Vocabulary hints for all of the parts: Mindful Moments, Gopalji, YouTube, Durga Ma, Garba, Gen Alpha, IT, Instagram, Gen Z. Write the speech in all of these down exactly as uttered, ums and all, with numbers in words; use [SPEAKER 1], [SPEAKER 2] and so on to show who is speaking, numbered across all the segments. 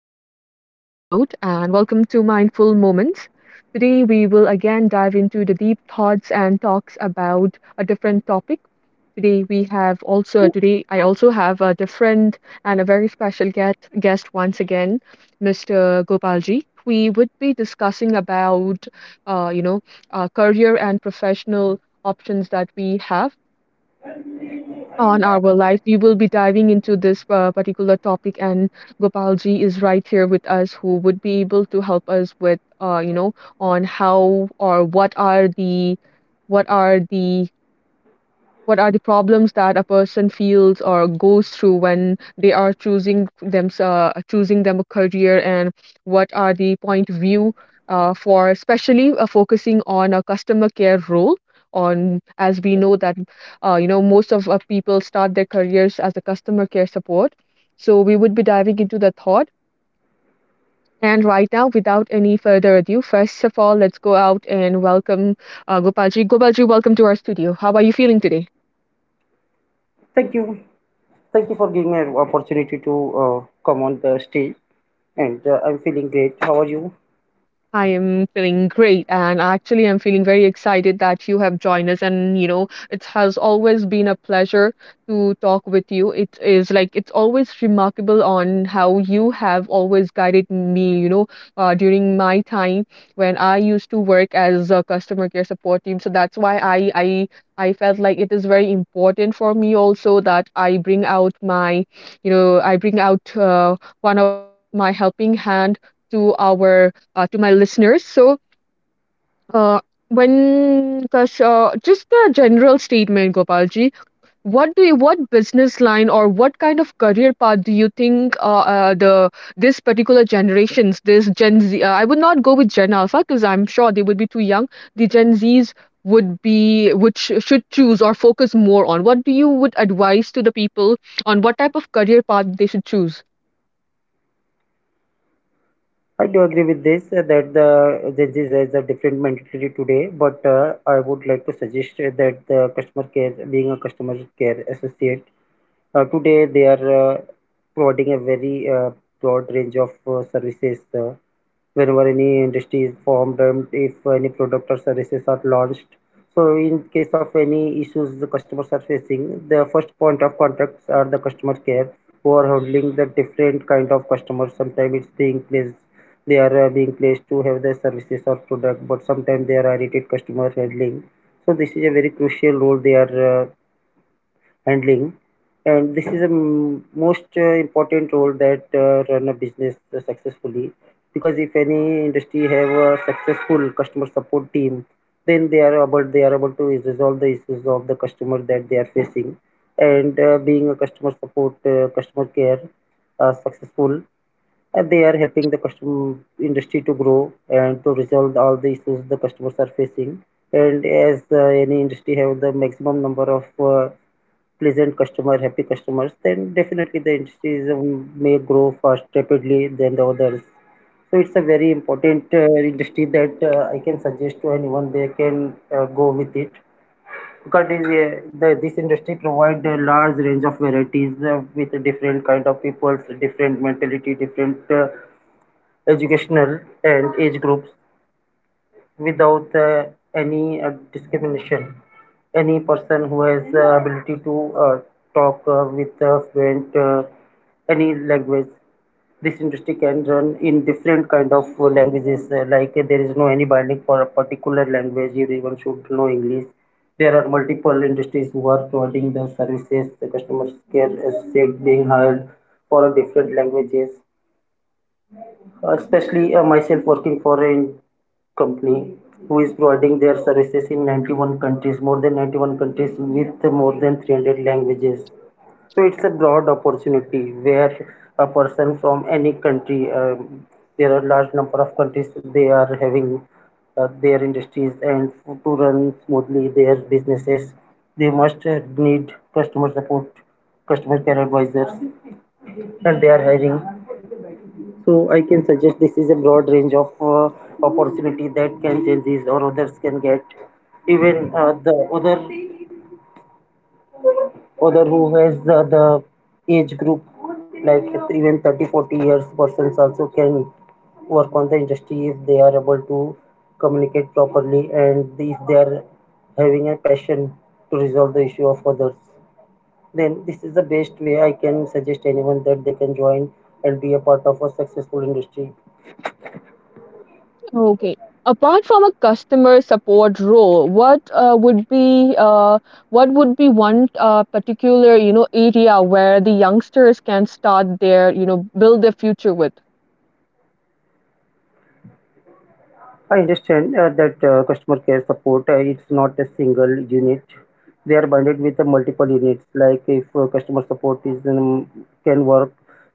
[SPEAKER 1] another s- uh, episode and welcome to Mindful Moments. Today we will again dive into the deep thoughts and talks about a different topic. Today we have also today I also have a different and a very special guest guest once again, mister Gopalji. We would be discussing about uh, you know uh, career and professional options that we have on our life. We will be diving into this uh, particular topic, and Gopalji is right here with us, who would be able to help us with, uh, you know, on how or what are the what are the what are the problems that a person feels or goes through when they are choosing them uh, choosing them a career, and what are the point of view uh, for, especially uh, focusing on a customer care role, on, as we know that uh, you know most of uh, people start their careers as a customer care support. So we would be diving into the thought, and right now, without any further ado, first of all, let's go out and welcome uh, gopalji gopalji welcome to our studio. How are you feeling today?
[SPEAKER 2] Thank you. Thank you for giving me an opportunity to uh, come on the stage, and uh, I'm feeling great. How are you?
[SPEAKER 1] I am feeling great, and actually, I'm feeling very excited that you have joined us. And you know, it has always been a pleasure to talk with you. It is like it's always remarkable on how you have always guided me. You know, uh, during my time when I used to work as a customer care support team, so that's why I I I felt like it is very important for me also that I bring out my, you know, I bring out uh, one of my helping hand to our uh, to my listeners. So, uh, when because uh, just a general statement, Gopalji, what do you, what business line or what kind of career path do you think uh, uh, the this particular generations, this Gen Z, uh, I would not go with Gen Alpha because I'm sure they would be too young. The Gen Zs would be would sh- should choose or focus more on. What do you would advise to the people on what type of career path they should choose?
[SPEAKER 2] I do agree with this uh, that the Gen Z has a different mentality today, but uh, I would like to suggest uh, that the customer care, being a customer care associate, Uh, today, they are uh, providing a very uh, broad range of uh, services. Uh, whenever any industry is formed and if any product or services are launched. So, in case of any issues the customers are facing, the first point of contacts are the customer care who are handling the different kind of customers. Sometimes it's being placed, they are uh, being placed to have their services or product, but sometimes they are irritated customer handling. So, this is a very crucial role they are uh, handling, and this is a m- most uh, important role that uh, run a business successfully, because if any industry have a successful customer support team, then they are able they are able to resolve the issues of the customer that they are facing, and uh, being a customer support uh, customer care uh, successful, uh, they are helping the customer industry to grow and to resolve all the issues the customers are facing. And as uh, any industry have the maximum number of uh, pleasant customer, happy customers, then definitely the industries um, may grow fast rapidly than the others. So it's a very important uh, industry that uh, I can suggest to anyone they can uh, go with it, because it is, uh, the, this industry provides a large range of varieties uh, with different kind of people, different mentality, different uh, educational and age groups without uh, any uh, discrimination. Any person who has the ability to uh, talk uh, with uh, fluent uh, any language, this industry can run in different kind of uh, languages. Uh, like, uh, there is no any binding for a particular language. Everyone should know English. There are multiple industries who are providing the services. The customer care is said being hired for different languages. Uh, Especially, uh, myself working for an company who is providing their services in ninety-one countries, more than ninety-one countries with more than three hundred languages. So it's a broad opportunity where a person from any country, um, there are large number of countries they are having uh, their industries, and to run smoothly their businesses, they must uh, need customer support, customer care advisors, and they are hiring, so I can suggest this is a broad range of uh, opportunity that can changes or others can get. Even uh, the other other who has the, the age group, like even thirty forty years persons also can work on the industry if they are able to communicate properly, and if they are having a passion to resolve the issue of others, then this is the best way i can suggest anyone that they can join and be a part of a successful industry.
[SPEAKER 1] Okay. Apart from a customer support role, what uh, would be uh, what would be one uh, particular, you know, area where the youngsters can start their, you know, build their future with?
[SPEAKER 2] I understand uh, that uh, customer care support, uh, it's not a single unit. They are bundled with the multiple units. Like, if uh, customer support is um, can work,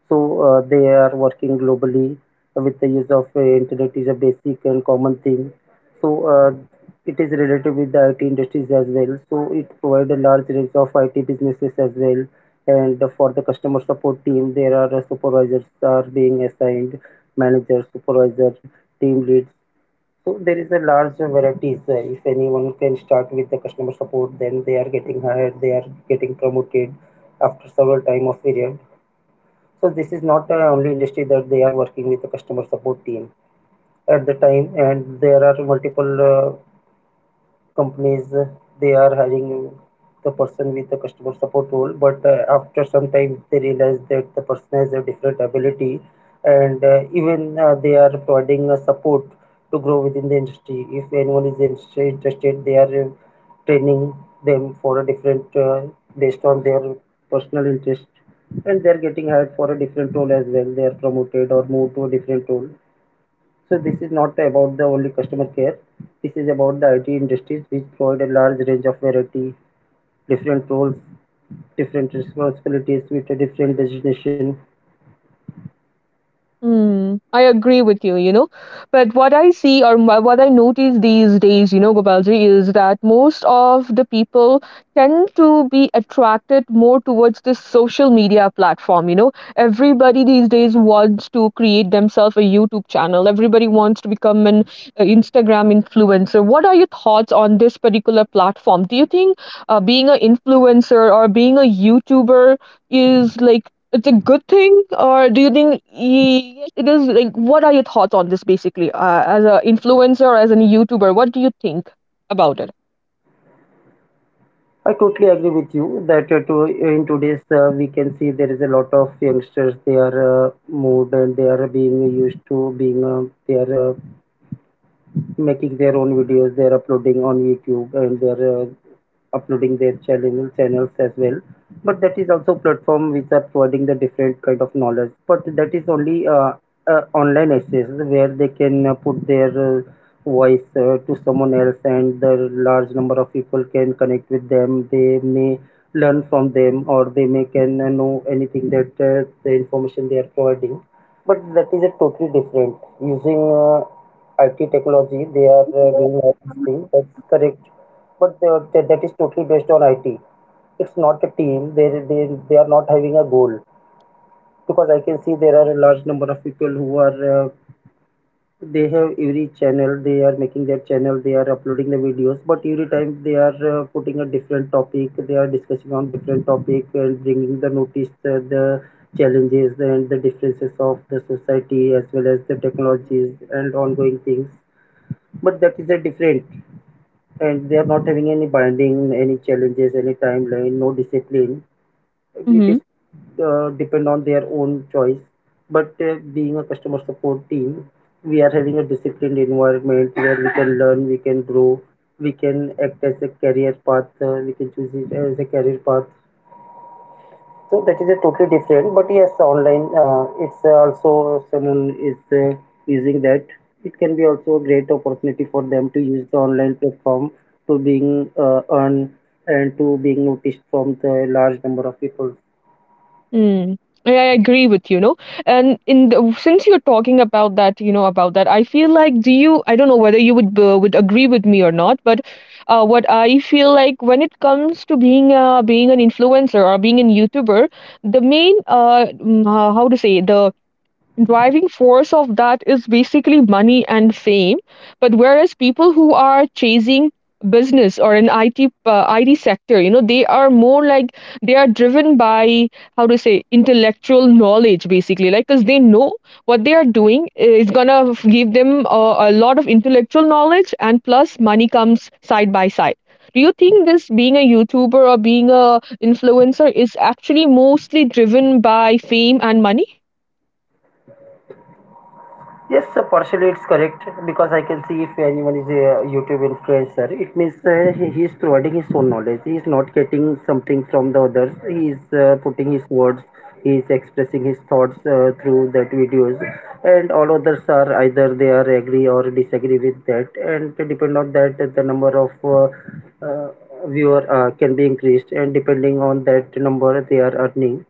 [SPEAKER 2] so uh, they are working globally with the use of uh, internet is a basic and common thing. So uh, it is related with the I T industries as well. So it provides a large range of I T businesses as well. And for the customer support team, there are uh, supervisors are being assigned, managers, supervisor, team leads, so there is a large varieties. uh, If anyone can start with the customer support, then they are getting hired, they are getting promoted after several time of period. So this is not the only industry that they are working with the customer support team at the time, and there are multiple uh, companies, uh, they are hiring the person with the customer support role, but uh, after some time they realize that the person has a different ability, and uh, even uh, they are providing uh, support to grow within the industry. If anyone is interest- interested, they are uh, training them for a different uh, based on their personal interest, and they are getting hired for a different role as well, they are promoted or moved to a different role. So this is not about the only customer care. This is about the I T industries which provide a large range of variety, different roles, different responsibilities with a different designation.
[SPEAKER 1] Hmm, I agree with you, you know. But what I see or wha- what I notice these days, you know, Gopalji, is that most of the people tend to be attracted more towards this social media platform, you know. Everybody these days wants to create themselves a YouTube channel. Everybody wants to become an uh, Instagram influencer. What are your thoughts on this particular platform? Do you think uh, being an influencer or being a YouTuber is like it's a good thing, or do you think y- yes, it is? Like, what are your thoughts on this, basically, uh, as an influencer, or as a YouTuber? What do you think about it?
[SPEAKER 2] I totally agree with you that uh, to, uh, in today's, uh, we can see there is a lot of youngsters they are uh, moved and they are being used to being uh, they are uh, making their own videos, they're uploading on youtube, and they're uh, uploading their channel channels as well, but that is also platform which are providing the different kind of knowledge. But that is only uh, uh, online access where they can uh, put their uh, voice uh, to someone else, and the large number of people can connect with them. They may learn from them, or they may can uh, know anything that uh, the information they are providing. But that is a totally different using uh, I T technology, they are uh, doing all these things. That's correct, but they are, that that is totally based on I T. It's not a team. They they they are not having a goal, because I can see there are a large number of people who are uh, they have every channel. They are making their channel. They are uploading the videos, but every time they are uh, putting a different topic. They are discussing on different topic and bringing the notice uh, the challenges and the differences of the society as well as the technologies and ongoing things, but that is a different, and they are not having any binding, any challenges, any timeline, no discipline. It
[SPEAKER 1] Mm-hmm.
[SPEAKER 2] is uh, depend on their own choice, but uh, being a customer support team, we are having a disciplined environment where we can learn, we can grow, we can act as a career path, uh, we can choose it as a career path, so that is a totally different. But yes, online, uh, it's also someone is uh, using that. It can be also a great opportunity for them to use the online platform to being uh, earned and to being noticed from the large number of people.
[SPEAKER 1] Mm. Yeah, I agree with you, know. And in the, since you're talking about that, you know, about that, I feel like do you? I don't know whether you would uh, would agree with me or not, but uh, what I feel like when it comes to being uh, being an influencer or being a YouTuber, the main uh, mm, uh how to say, the driving force of that is basically money and fame, but whereas people who are chasing business or an I T uh, I T sector, you know, they are more like they are driven by, how to say, intellectual knowledge, basically, like cuz they know what they are doing is going to give them a, a lot of intellectual knowledge, and plus money comes side by side. Do you think this being a YouTuber or being a influencer is actually mostly driven by fame and money?
[SPEAKER 2] Yes, sir, partially it's correct, because I can see if anyone is a YouTube influencer, it means uh, he, he is providing his own knowledge. He is not getting something from the others. He is uh, putting his words, he is expressing his thoughts uh, through that videos, and all others are either they are agree or disagree with that, and depend on that the number of uh, uh, viewer uh, can be increased, and depending on that number they are earning.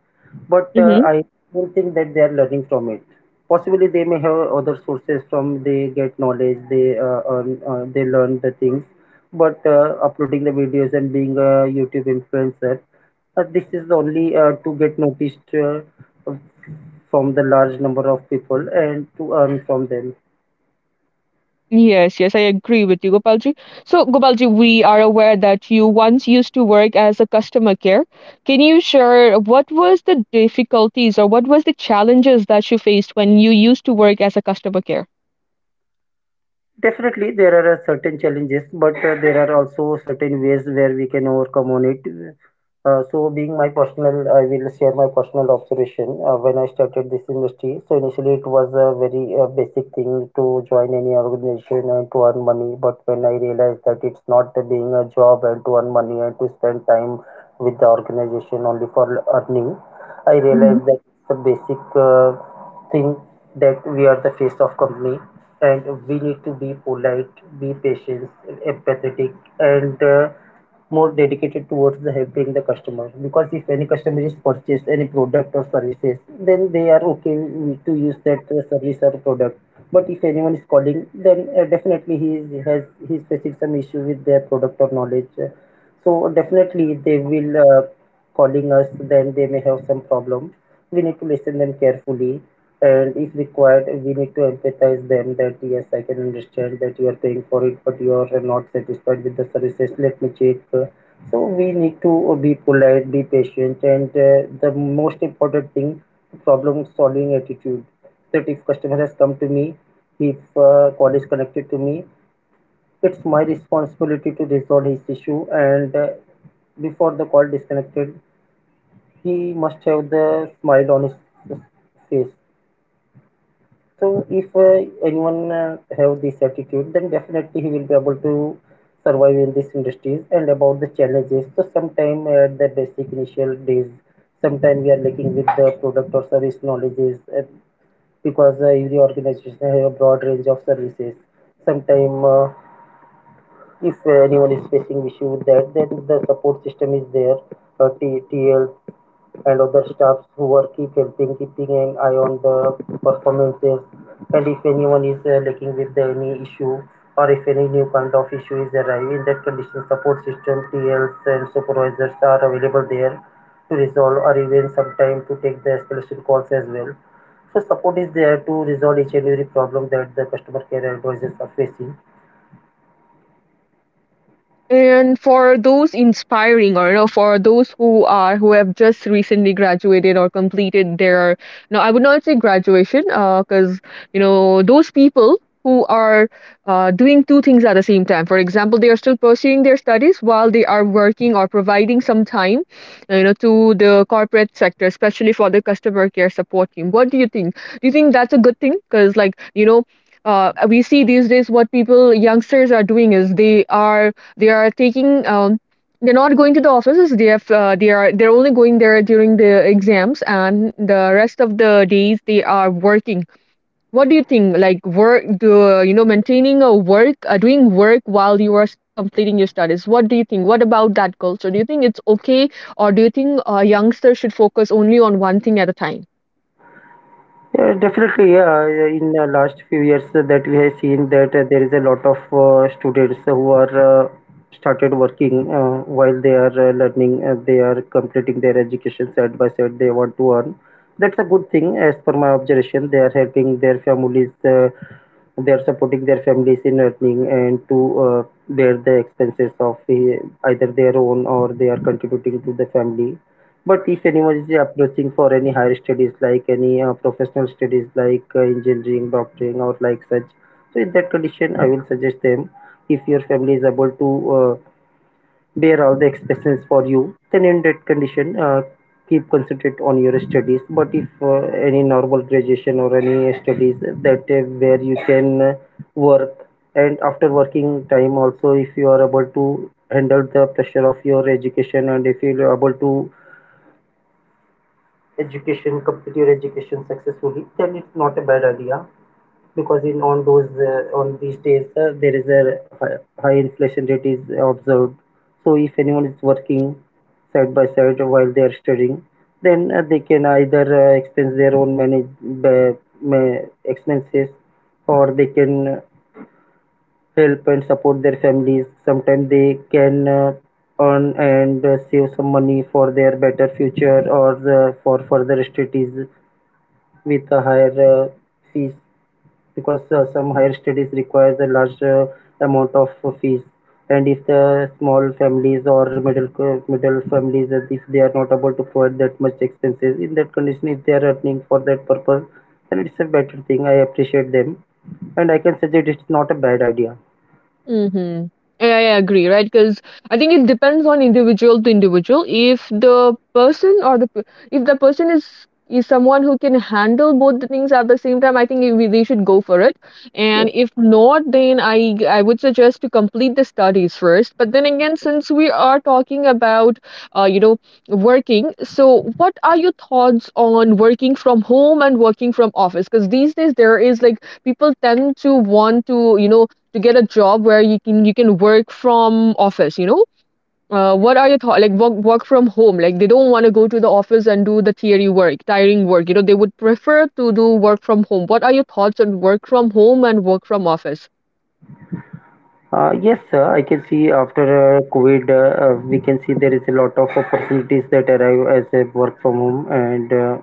[SPEAKER 2] But uh,
[SPEAKER 1] Mm-hmm.
[SPEAKER 2] I don't think that they are learning from it. Possibly they may have other sources from they get knowledge, they uh, earn, uh, they learn the things, but uh, uploading the videos and being a youtube influencer, uh, this is only uh, to get noticed uh, from the large number of people and to earn from them.
[SPEAKER 1] Yes, yes, I agree with you, Gopalji. So, Gopalji, we are aware that you once used to work as a customer care. Can you share what was the difficulties or what was the challenges that you faced when you used to work as a customer care?
[SPEAKER 2] Definitely, there are uh, certain challenges, but uh, there are also certain ways where we can overcome on it. Uh, so, being my personal, I will share my personal observation. Uh, when I started this industry, so initially it was a very uh, basic thing to join any organization and to earn money. But when I realized that it's not being a job and to earn money and to spend time with the organization only for earning, I realized that it's a basic uh, think that we are the face of company, and we need to be polite, be patient, empathetic, and uh, more dedicated towards the helping the customer. Because if any customer is purchased any product or services, then they are okay with- to use that uh, service or product. But if anyone is calling, then uh, definitely he is, has he's facing some issue with their product or knowledge. So definitely they will, Uh, calling us, then they may have some problem. We need to listen them carefully, and if required, we need to empathize them that yes, I can understand that you are paying for it, but you are not satisfied with the services. Let me check. Uh, So we need to be polite, be patient, and uh, the most important thing, problem solving attitude. That if customer has come to me, if uh, call is connected to me, it's my responsibility to resolve his issue, and. Uh, before the call disconnected, he must have the smile on his face. So if uh, anyone uh, have this attitude, then definitely he will be able to survive in these industries. And about the challenges, so sometime at the basic initial days, sometime we are lacking with the product or service knowledges uh, because uh, every organization have a broad range of services. Sometime uh, If uh, anyone is facing issue with that, then the support system is there. Uh, T- TL, and other staffs who were keep helping, keeping an eye on the performances. And if anyone is uh, lacking with any issue or if any new kind of issue is arriving, in that condition support system, T Ls and supervisors are available there to resolve or even sometime to take the escalation calls as well. So support is there to resolve each and every problem that the customer care advisors are facing.
[SPEAKER 1] And for those inspiring, or you know, for those who are who have just recently graduated or completed their, no, I would not say graduation, uh, because you know those people who are uh, doing two things at the same time. For example, they are still pursuing their studies while they are working or providing some time, uh, you know, to the corporate sector, especially for the customer care support team. What do you think? Do you think that's a good thing? Because like you know. Uh, we see these days what people youngsters are doing is they are they are taking um, they're not going to the offices. They have uh, they are they're only going there during the exams, and the rest of the days they are working. What do you think? Like work, do you know, maintaining a work, uh, doing work while you are still completing your studies? What do you think? What about that culture? Do you think it's okay, or do you think a youngster should focus only on one thing at a time?
[SPEAKER 2] Yeah, definitely. Yeah. Uh, in the last few years uh, that we have seen that uh, there is a lot of uh, students who are uh, started working uh, while they are uh, learning. Uh, they are completing their education side by side. They want to earn. That's a good thing, as per my observation. They are helping their families. Uh, they are supporting their families in earning and to uh, bear the expenses of uh, either their own, or they are contributing to the family. But if anyone is approaching for any higher studies, like any uh, professional studies, like uh, engineering, doctoring, or like such, so in that condition, I will suggest them, if your family is able to uh, bear all the expenses for you, then in that condition, uh, keep concentrate on your studies. But if uh, any normal graduation or any studies that uh, where you can uh, work, and after working time also, if you are able to handle the pressure of your education and if you are able to education, complete your education successfully, then it's not a bad idea, because in on those uh, on these days uh, there is a high, high inflation rate is observed. So if anyone is working side by side while they are studying, then uh, they can either uh, expense their own manage ba- ma- expenses, or they can help and support their families. Sometimes they can. Uh, earn and uh, save some money for their better future or uh, for further studies with a higher uh, fees, because uh, some higher studies requires a large uh, amount of uh, fees. And if the small families or middle cl- middle families, uh, if they are not able to provide that much expenses, in that condition, if they are earning for that purpose, then it's a better thing. I appreciate them, and I can suggest it's not a bad idea.
[SPEAKER 1] Mhm. Yeah, yeah, I agree, right? Because I think it depends on individual to individual. If the person or the p- if the person is is someone who can handle both the things at the same time, I think we, they should go for it. And
[SPEAKER 2] Yes.
[SPEAKER 1] if not, then I I would suggest to complete the studies first. But then again, since we are talking about uh you know working, so what are your thoughts on working from home and working from office? Because these days there is like people tend to want to, you know, to get a job where you can you can work from office, you know. Uh, what are your thoughts like work, work from home, like they don't want to go to the office and do the theory work, tiring work, you know, they would prefer to do work from home. What are your thoughts on work from home and work from office?
[SPEAKER 2] Uh, yes, sir. I can see after uh, COVID, uh, uh, we can see there is a lot of opportunities that arrive as a work from home. And uh,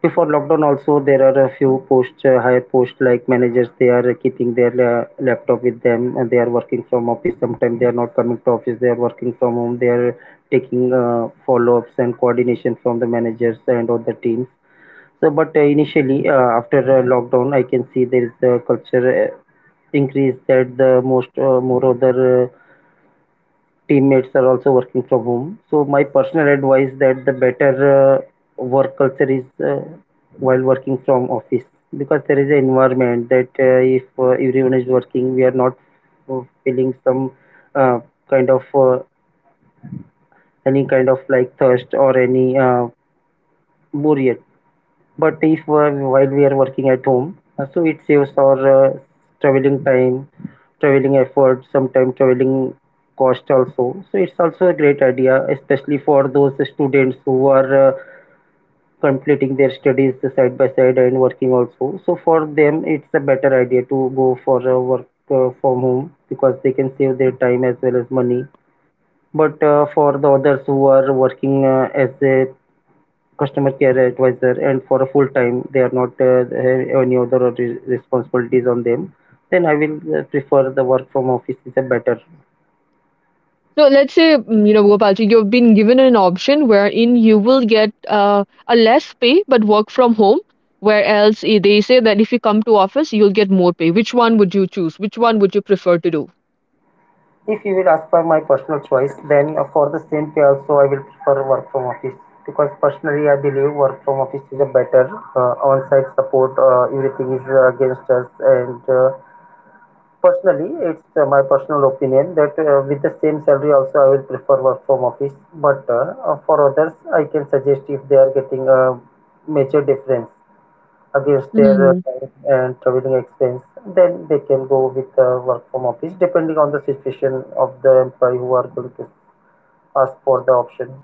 [SPEAKER 2] before lockdown also, there are a few post, uh, higher posts like managers, they are keeping their uh, laptop with them, and they are working from office. Sometimes they are not coming to office, they are working from home. They are taking uh, follow-ups and coordination from the managers and other teams. So but uh, initially uh, after uh, lockdown, I can see there is a culture uh, increase that the most uh, more other uh, teammates are also working from home. So my personal advice that the better uh, work culture is uh, while working from office, because there is an environment that uh, if uh, everyone is working, we are not uh, feeling some uh, kind of uh, any kind of like thirst or any uh, boredom. But if uh, while we are working at home, uh, so it saves our uh, traveling time, traveling effort, sometimes traveling cost also. So it's also a great idea, especially for those students who are uh, completing their studies side by side and working also. So for them, it's a better idea to go for uh, work uh, from home, because they can save their time as well as money. But uh, for the others who are working uh, as a customer care advisor and for a full time, they are not uh, have any other re- responsibilities on them, then I will uh, prefer the work from office is a better.
[SPEAKER 1] So let's say, mm, you know, Gopalji, you've been given an option wherein you will get uh, a less pay but work from home, where else eh, they say that if you come to office, you'll get more pay. Which one would you choose? Which one would you prefer to do?
[SPEAKER 2] If you will ask for my personal choice, then uh, for the same pay also, I will prefer work from office, because personally I believe work from office is a better uh, on-site support. Uh, everything is uh, against us. And uh, Personally, it's uh, my personal opinion that uh, with the same salary also, I will prefer work from office. But uh, uh, for others, I can suggest if they are getting a major difference against their uh,
[SPEAKER 1] Hmm.
[SPEAKER 2] time and traveling expense, then they can go with uh, work from office, depending on the situation of the employee who are going to ask for the option.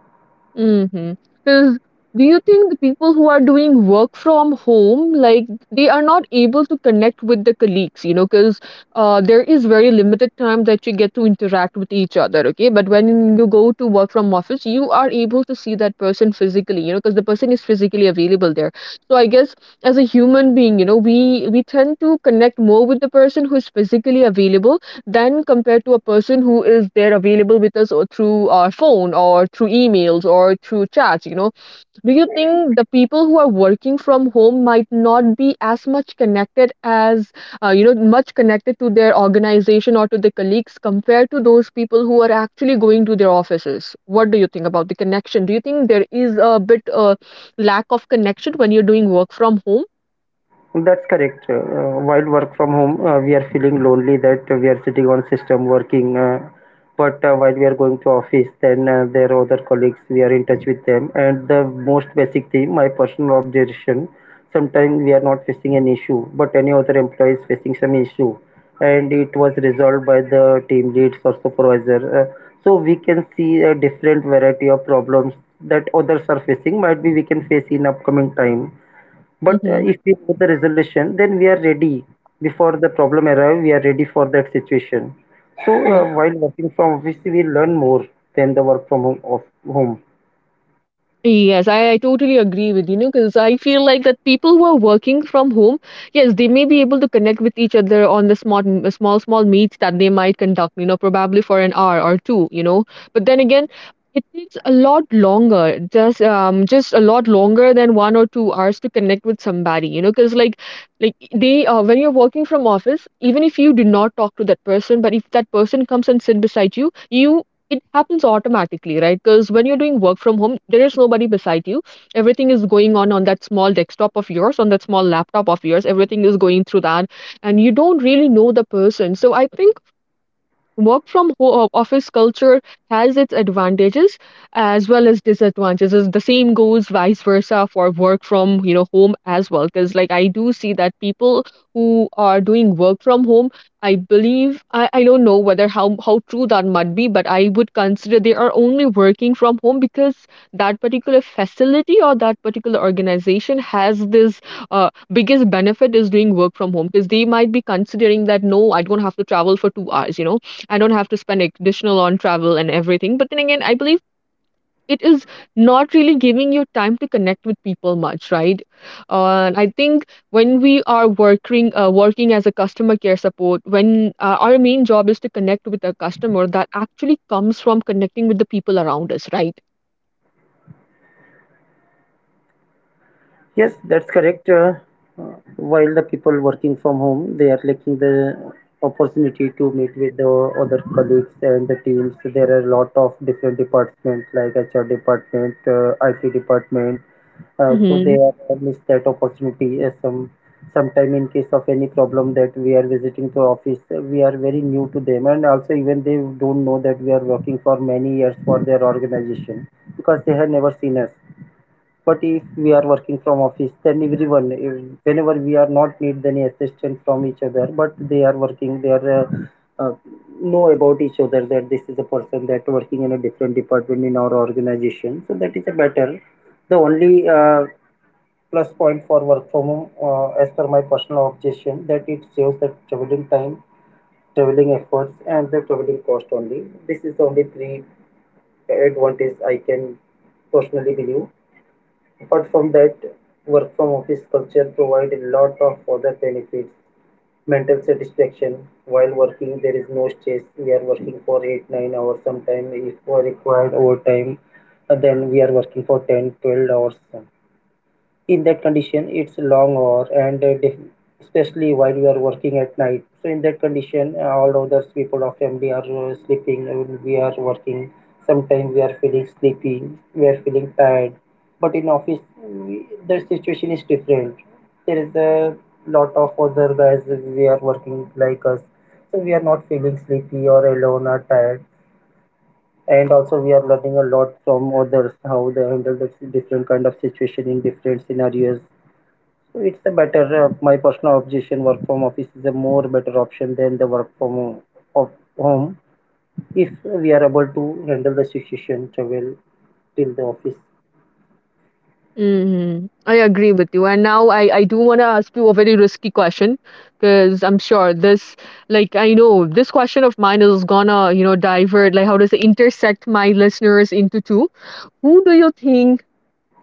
[SPEAKER 1] Mm-hmm. Cause do you think the people who are doing work from home, like, they are not able to connect with the colleagues, you know, cause uh, there is very limited time that you get to interact with each other, okay? But when you go to work from office, you are able to see that person physically, you know, cause the person is physically available there. So I guess as a human being, you know, we we tend to connect more with the person who's physically available than compared to a person who is there available with us or through our phone or through emails or through chats, you know. Do you think the people who are working from home might not be as much connected as uh, you know much connected to their organization or to their colleagues compared to those people who are actually going to their offices? What do you think about the connection? Do you think there is a bit uh, lack of connection when you're doing work from home?
[SPEAKER 2] That's correct. Uh, while work from home, uh, we are feeling lonely that we are sitting on system working. Uh, but uh, while we are going to office, then uh, there are other colleagues. We are in touch with them. And the most basic thing, my personal observation, sometimes we are not facing an issue, but any other employee is facing some issue, and it was resolved by the team leads or supervisor. Uh, so we can see a different variety of problems that others are facing. Might be we can face in upcoming time, but uh,
[SPEAKER 1] Mm-hmm.
[SPEAKER 2] if we put the resolution, then we are ready before the problem arrive. We are ready for that situation. So uh, while working from office, we learn more than the work from home. Of Home.
[SPEAKER 1] Yes, I, I totally agree with you, know, because I feel like that people who are working from home, yes, they may be able to connect with each other on the small, small, small meets that they might conduct, you know, probably for an hour or two, you know. But then again, it takes a lot longer, just um, just a lot longer than one or two hours to connect with somebody, you know, because like, like they, uh, when you're working from office, even if you do not talk to that person, but if that person comes and sit beside you, you it happens automatically, right? Because when you're doing work from home, there is nobody beside you. Everything is going on on that small desktop of yours, on that small laptop of yours. Everything is going through that, and you don't really know the person. So I think Work from ho- uh, office culture has its advantages as well as disadvantages. The same goes vice versa for work from, you know, home as well. Because like I do see that people who are doing work from home, I believe I, I don't know whether how how true that might be, but I would consider they are only working from home because that particular facility or that particular organization has this uh, biggest benefit is doing work from home because they might be considering that no, I don't have to travel for two hours, you know I don't have to spend additional on travel and everything. But then again, I believe it is not really giving you time to connect with people much, right? Uh, I think when we are working uh, working as a customer care support, when uh, our main job is to connect with a customer, that actually comes from connecting with the people around us, right?
[SPEAKER 2] Yes, that's correct. Uh, while the people working from home, they are lacking the opportunity to meet with the other colleagues and the teams. There are a lot of different departments like H R department, uh, I T department. Uh, so they are uh, miss that opportunity. Uh, some sometime in case of any problem that we are visiting to office, uh, we are very new to them, and also even they don't know that we are working for many years for their organization, because they have never seen us. But if we are working from office, then everyone, eh, whenever we are not need any assistance from each other, but they are working, they are uh, uh, know about each other that this is a person that working in a different department in our organization. So that is a better. The only uh, plus point for work from home, uh, as per my personal objection, that it saves the traveling time, traveling efforts, and the traveling cost only. This is the only three advantage I can personally believe. Apart from that, work from office culture provides a lot of other benefits. Mental satisfaction while working, there is no stress. We are working for eight, nine hours sometimes. If we are required overtime, uh, then we are working for ten twelve hours. In that condition, it's long hour, and uh, especially while we are working at night. So in that condition, uh, all others people of family are uh, sleeping and we are working. Sometimes we are feeling sleepy, we are feeling tired. But in office, we, the situation is different. There is a lot of other guys, we are working like us. So we are not feeling sleepy or alone or tired. And also we are learning a lot from others how they handle the different kind of situation in different scenarios. So it's a better, uh, my personal objection, work from office is a more better option than the work from ho- of home, if we are able to handle the situation travel till the office.
[SPEAKER 1] Mhm. I agree with you. And now I, I do want to ask you a very risky question because I'm sure this, like, I know this question of mine is gonna, you know, divert, like, how does it intersect my listeners into two? Who do you think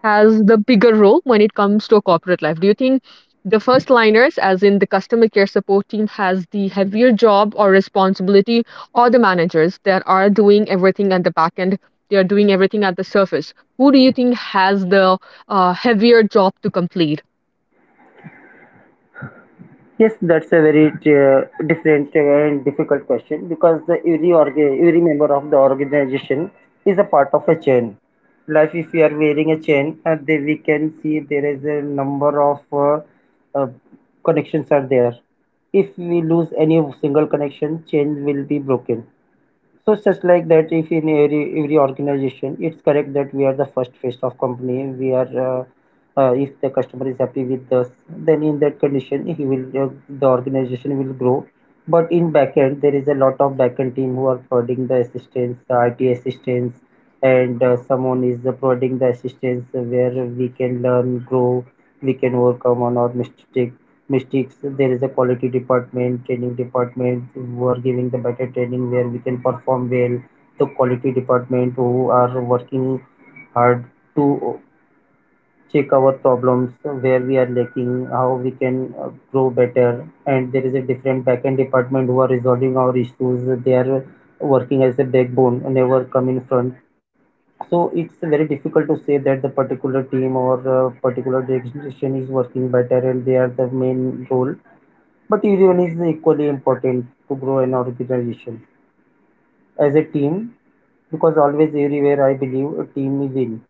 [SPEAKER 1] has the bigger role when it comes to a corporate life? Do you think the first liners, as in the customer care support team, has the heavier job or responsibility, or the managers that are doing everything at the back end? They are doing everything at the surface. Who do you think has the uh, heavier job to complete?
[SPEAKER 2] Yes, that's a very uh, different and difficult question, because the every orga, every member of the organization is a part of a chain. Like if we are wearing a chain, and then we can see there is a number of uh, uh, connections are there. If we lose any single connection, chain will be broken. So just like that, if in every every organization, it's correct that we are the first face of company. We are, uh, uh, if the customer is happy with us, then in that condition, he will uh, the organization will grow. But in backend, there is a lot of backend team who are providing the assistance, the I T assistance, and uh, someone is uh, providing the assistance where we can learn, grow, we can overcome on our mistakes mistakes There is a quality department, training department who are giving the better training where we can perform well. The quality department who are working hard to check our problems, where we are lacking, how we can uh, grow better. And there is a different backend department who are resolving our issues. They are working as a backbone and never come in front. So it's very difficult to say that the particular team or uh, particular direction is working better and they are the main role. But everyone is equally important to grow an organization as a team, because always everywhere I believe a team is in.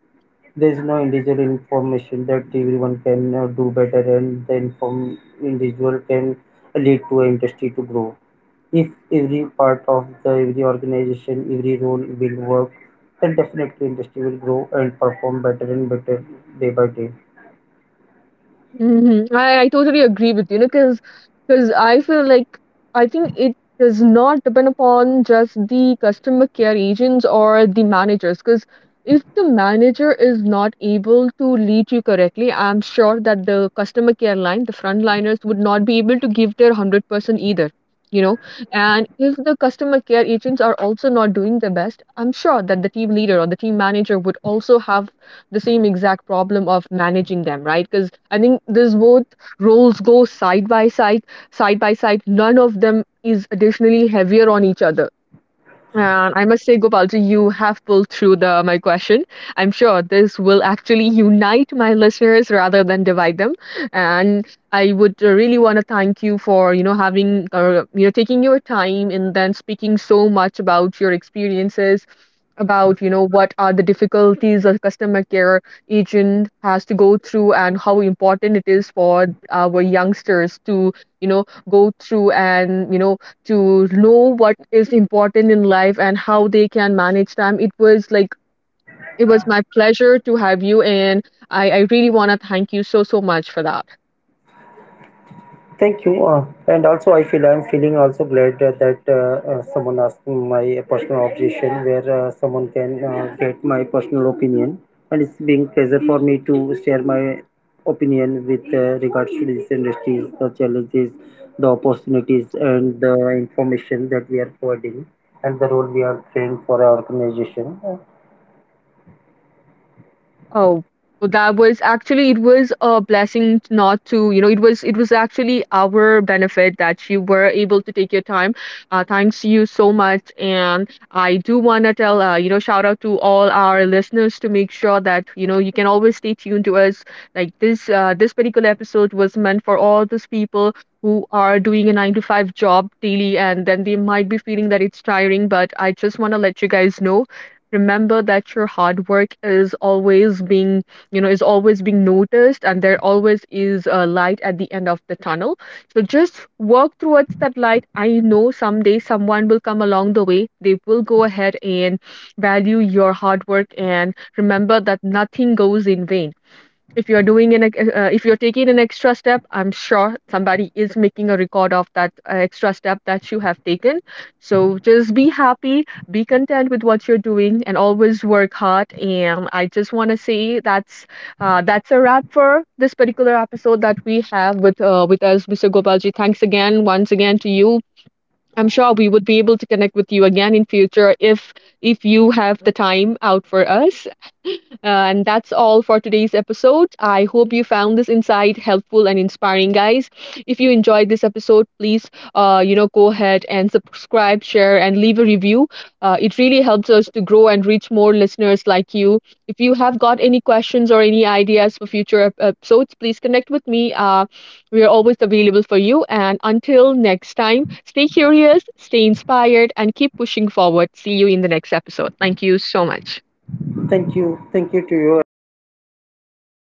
[SPEAKER 2] There is no individual information that everyone can uh, do better, and the inform individual can lead to an industry to grow. If every part of the every organization, every role will work, then definitely industry will grow and perform better and better day by day.
[SPEAKER 1] Mhm. I, I totally agree with you because because I feel like I think it does not depend upon just the customer care agents or the managers because if the manager is not able to lead you correctly, I'm sure that the customer care line, the frontliners would not be able to give their one hundred percent either, you know. And if the customer care agents are also not doing their best, I'm sure that the team leader or the team manager would also have the same exact problem of managing them, right? Because I think this both roles go side by side, side by side none of them is additionally heavier on each other. And I must say, Gopalji, you have pulled through the my question. I'm sure this will actually unite my listeners rather than divide them. And I would uh, really want to thank you for you know having uh, you know taking your time and then speaking so much about your experiences, about you know what are the difficulties a customer care agent has to go through and how important it is for our youngsters to you know go through and you know to know what is important in life and how they can manage time. It was like it was my pleasure to have you, and I, I really want to thank you so so much for that.
[SPEAKER 2] Thank you. Uh, and also, I feel I'm feeling also glad uh, that uh, uh, someone asked me my personal objection, where uh, someone can uh, get my personal opinion, and it's being pleasure for me to share my opinion with uh, regards to these industries, the challenges, the opportunities, and the information that we are providing, and the role we are playing for our organization.
[SPEAKER 1] Oh, well, that was actually it was a blessing t- not to, you know, it was it was actually our benefit that you were able to take your time. Uh, thanks you so much, and I do want to tell, uh, you know, shout out to all our listeners to make sure that you know you can always stay tuned to us. Like this, uh, this particular episode was meant for all those people who are doing a nine to five job daily, and then they might be feeling that it's tiring. But I just want to let you guys know, remember that your hard work is always being, you know is always being noticed, and there always is a light at the end of the tunnel. So just work towards that light. I know someday someone will come along the way. They will go ahead and value your hard work, and remember that nothing goes in vain. If you're doing an ex- uh, uh, if you're taking an extra step, I'm sure somebody is making a record of that uh, extra step that you have taken. So just be happy, be content with what you're doing, and always work hard. And I just want to say that's uh, that's a wrap for this particular episode that we have with uh, with us, Mr. Gopalji. Thanks again once again to you. I'm sure we would be able to connect with you again in future if if you have the time out for us. Uh, and that's all for today's episode. I hope you found this insight helpful and inspiring, guys. If you enjoyed this episode, please, uh, you know, go ahead and subscribe, share, and leave a review. Uh, It really helps us to grow and reach more listeners like you. If you have got any questions or any ideas for future ep- episodes, please connect with me. Uh, we are always available for you. And until next time, stay curious, stay inspired, and keep pushing forward. See you in the next episode. Thank you so much.
[SPEAKER 2] Thank you, thank you to you and all listeners.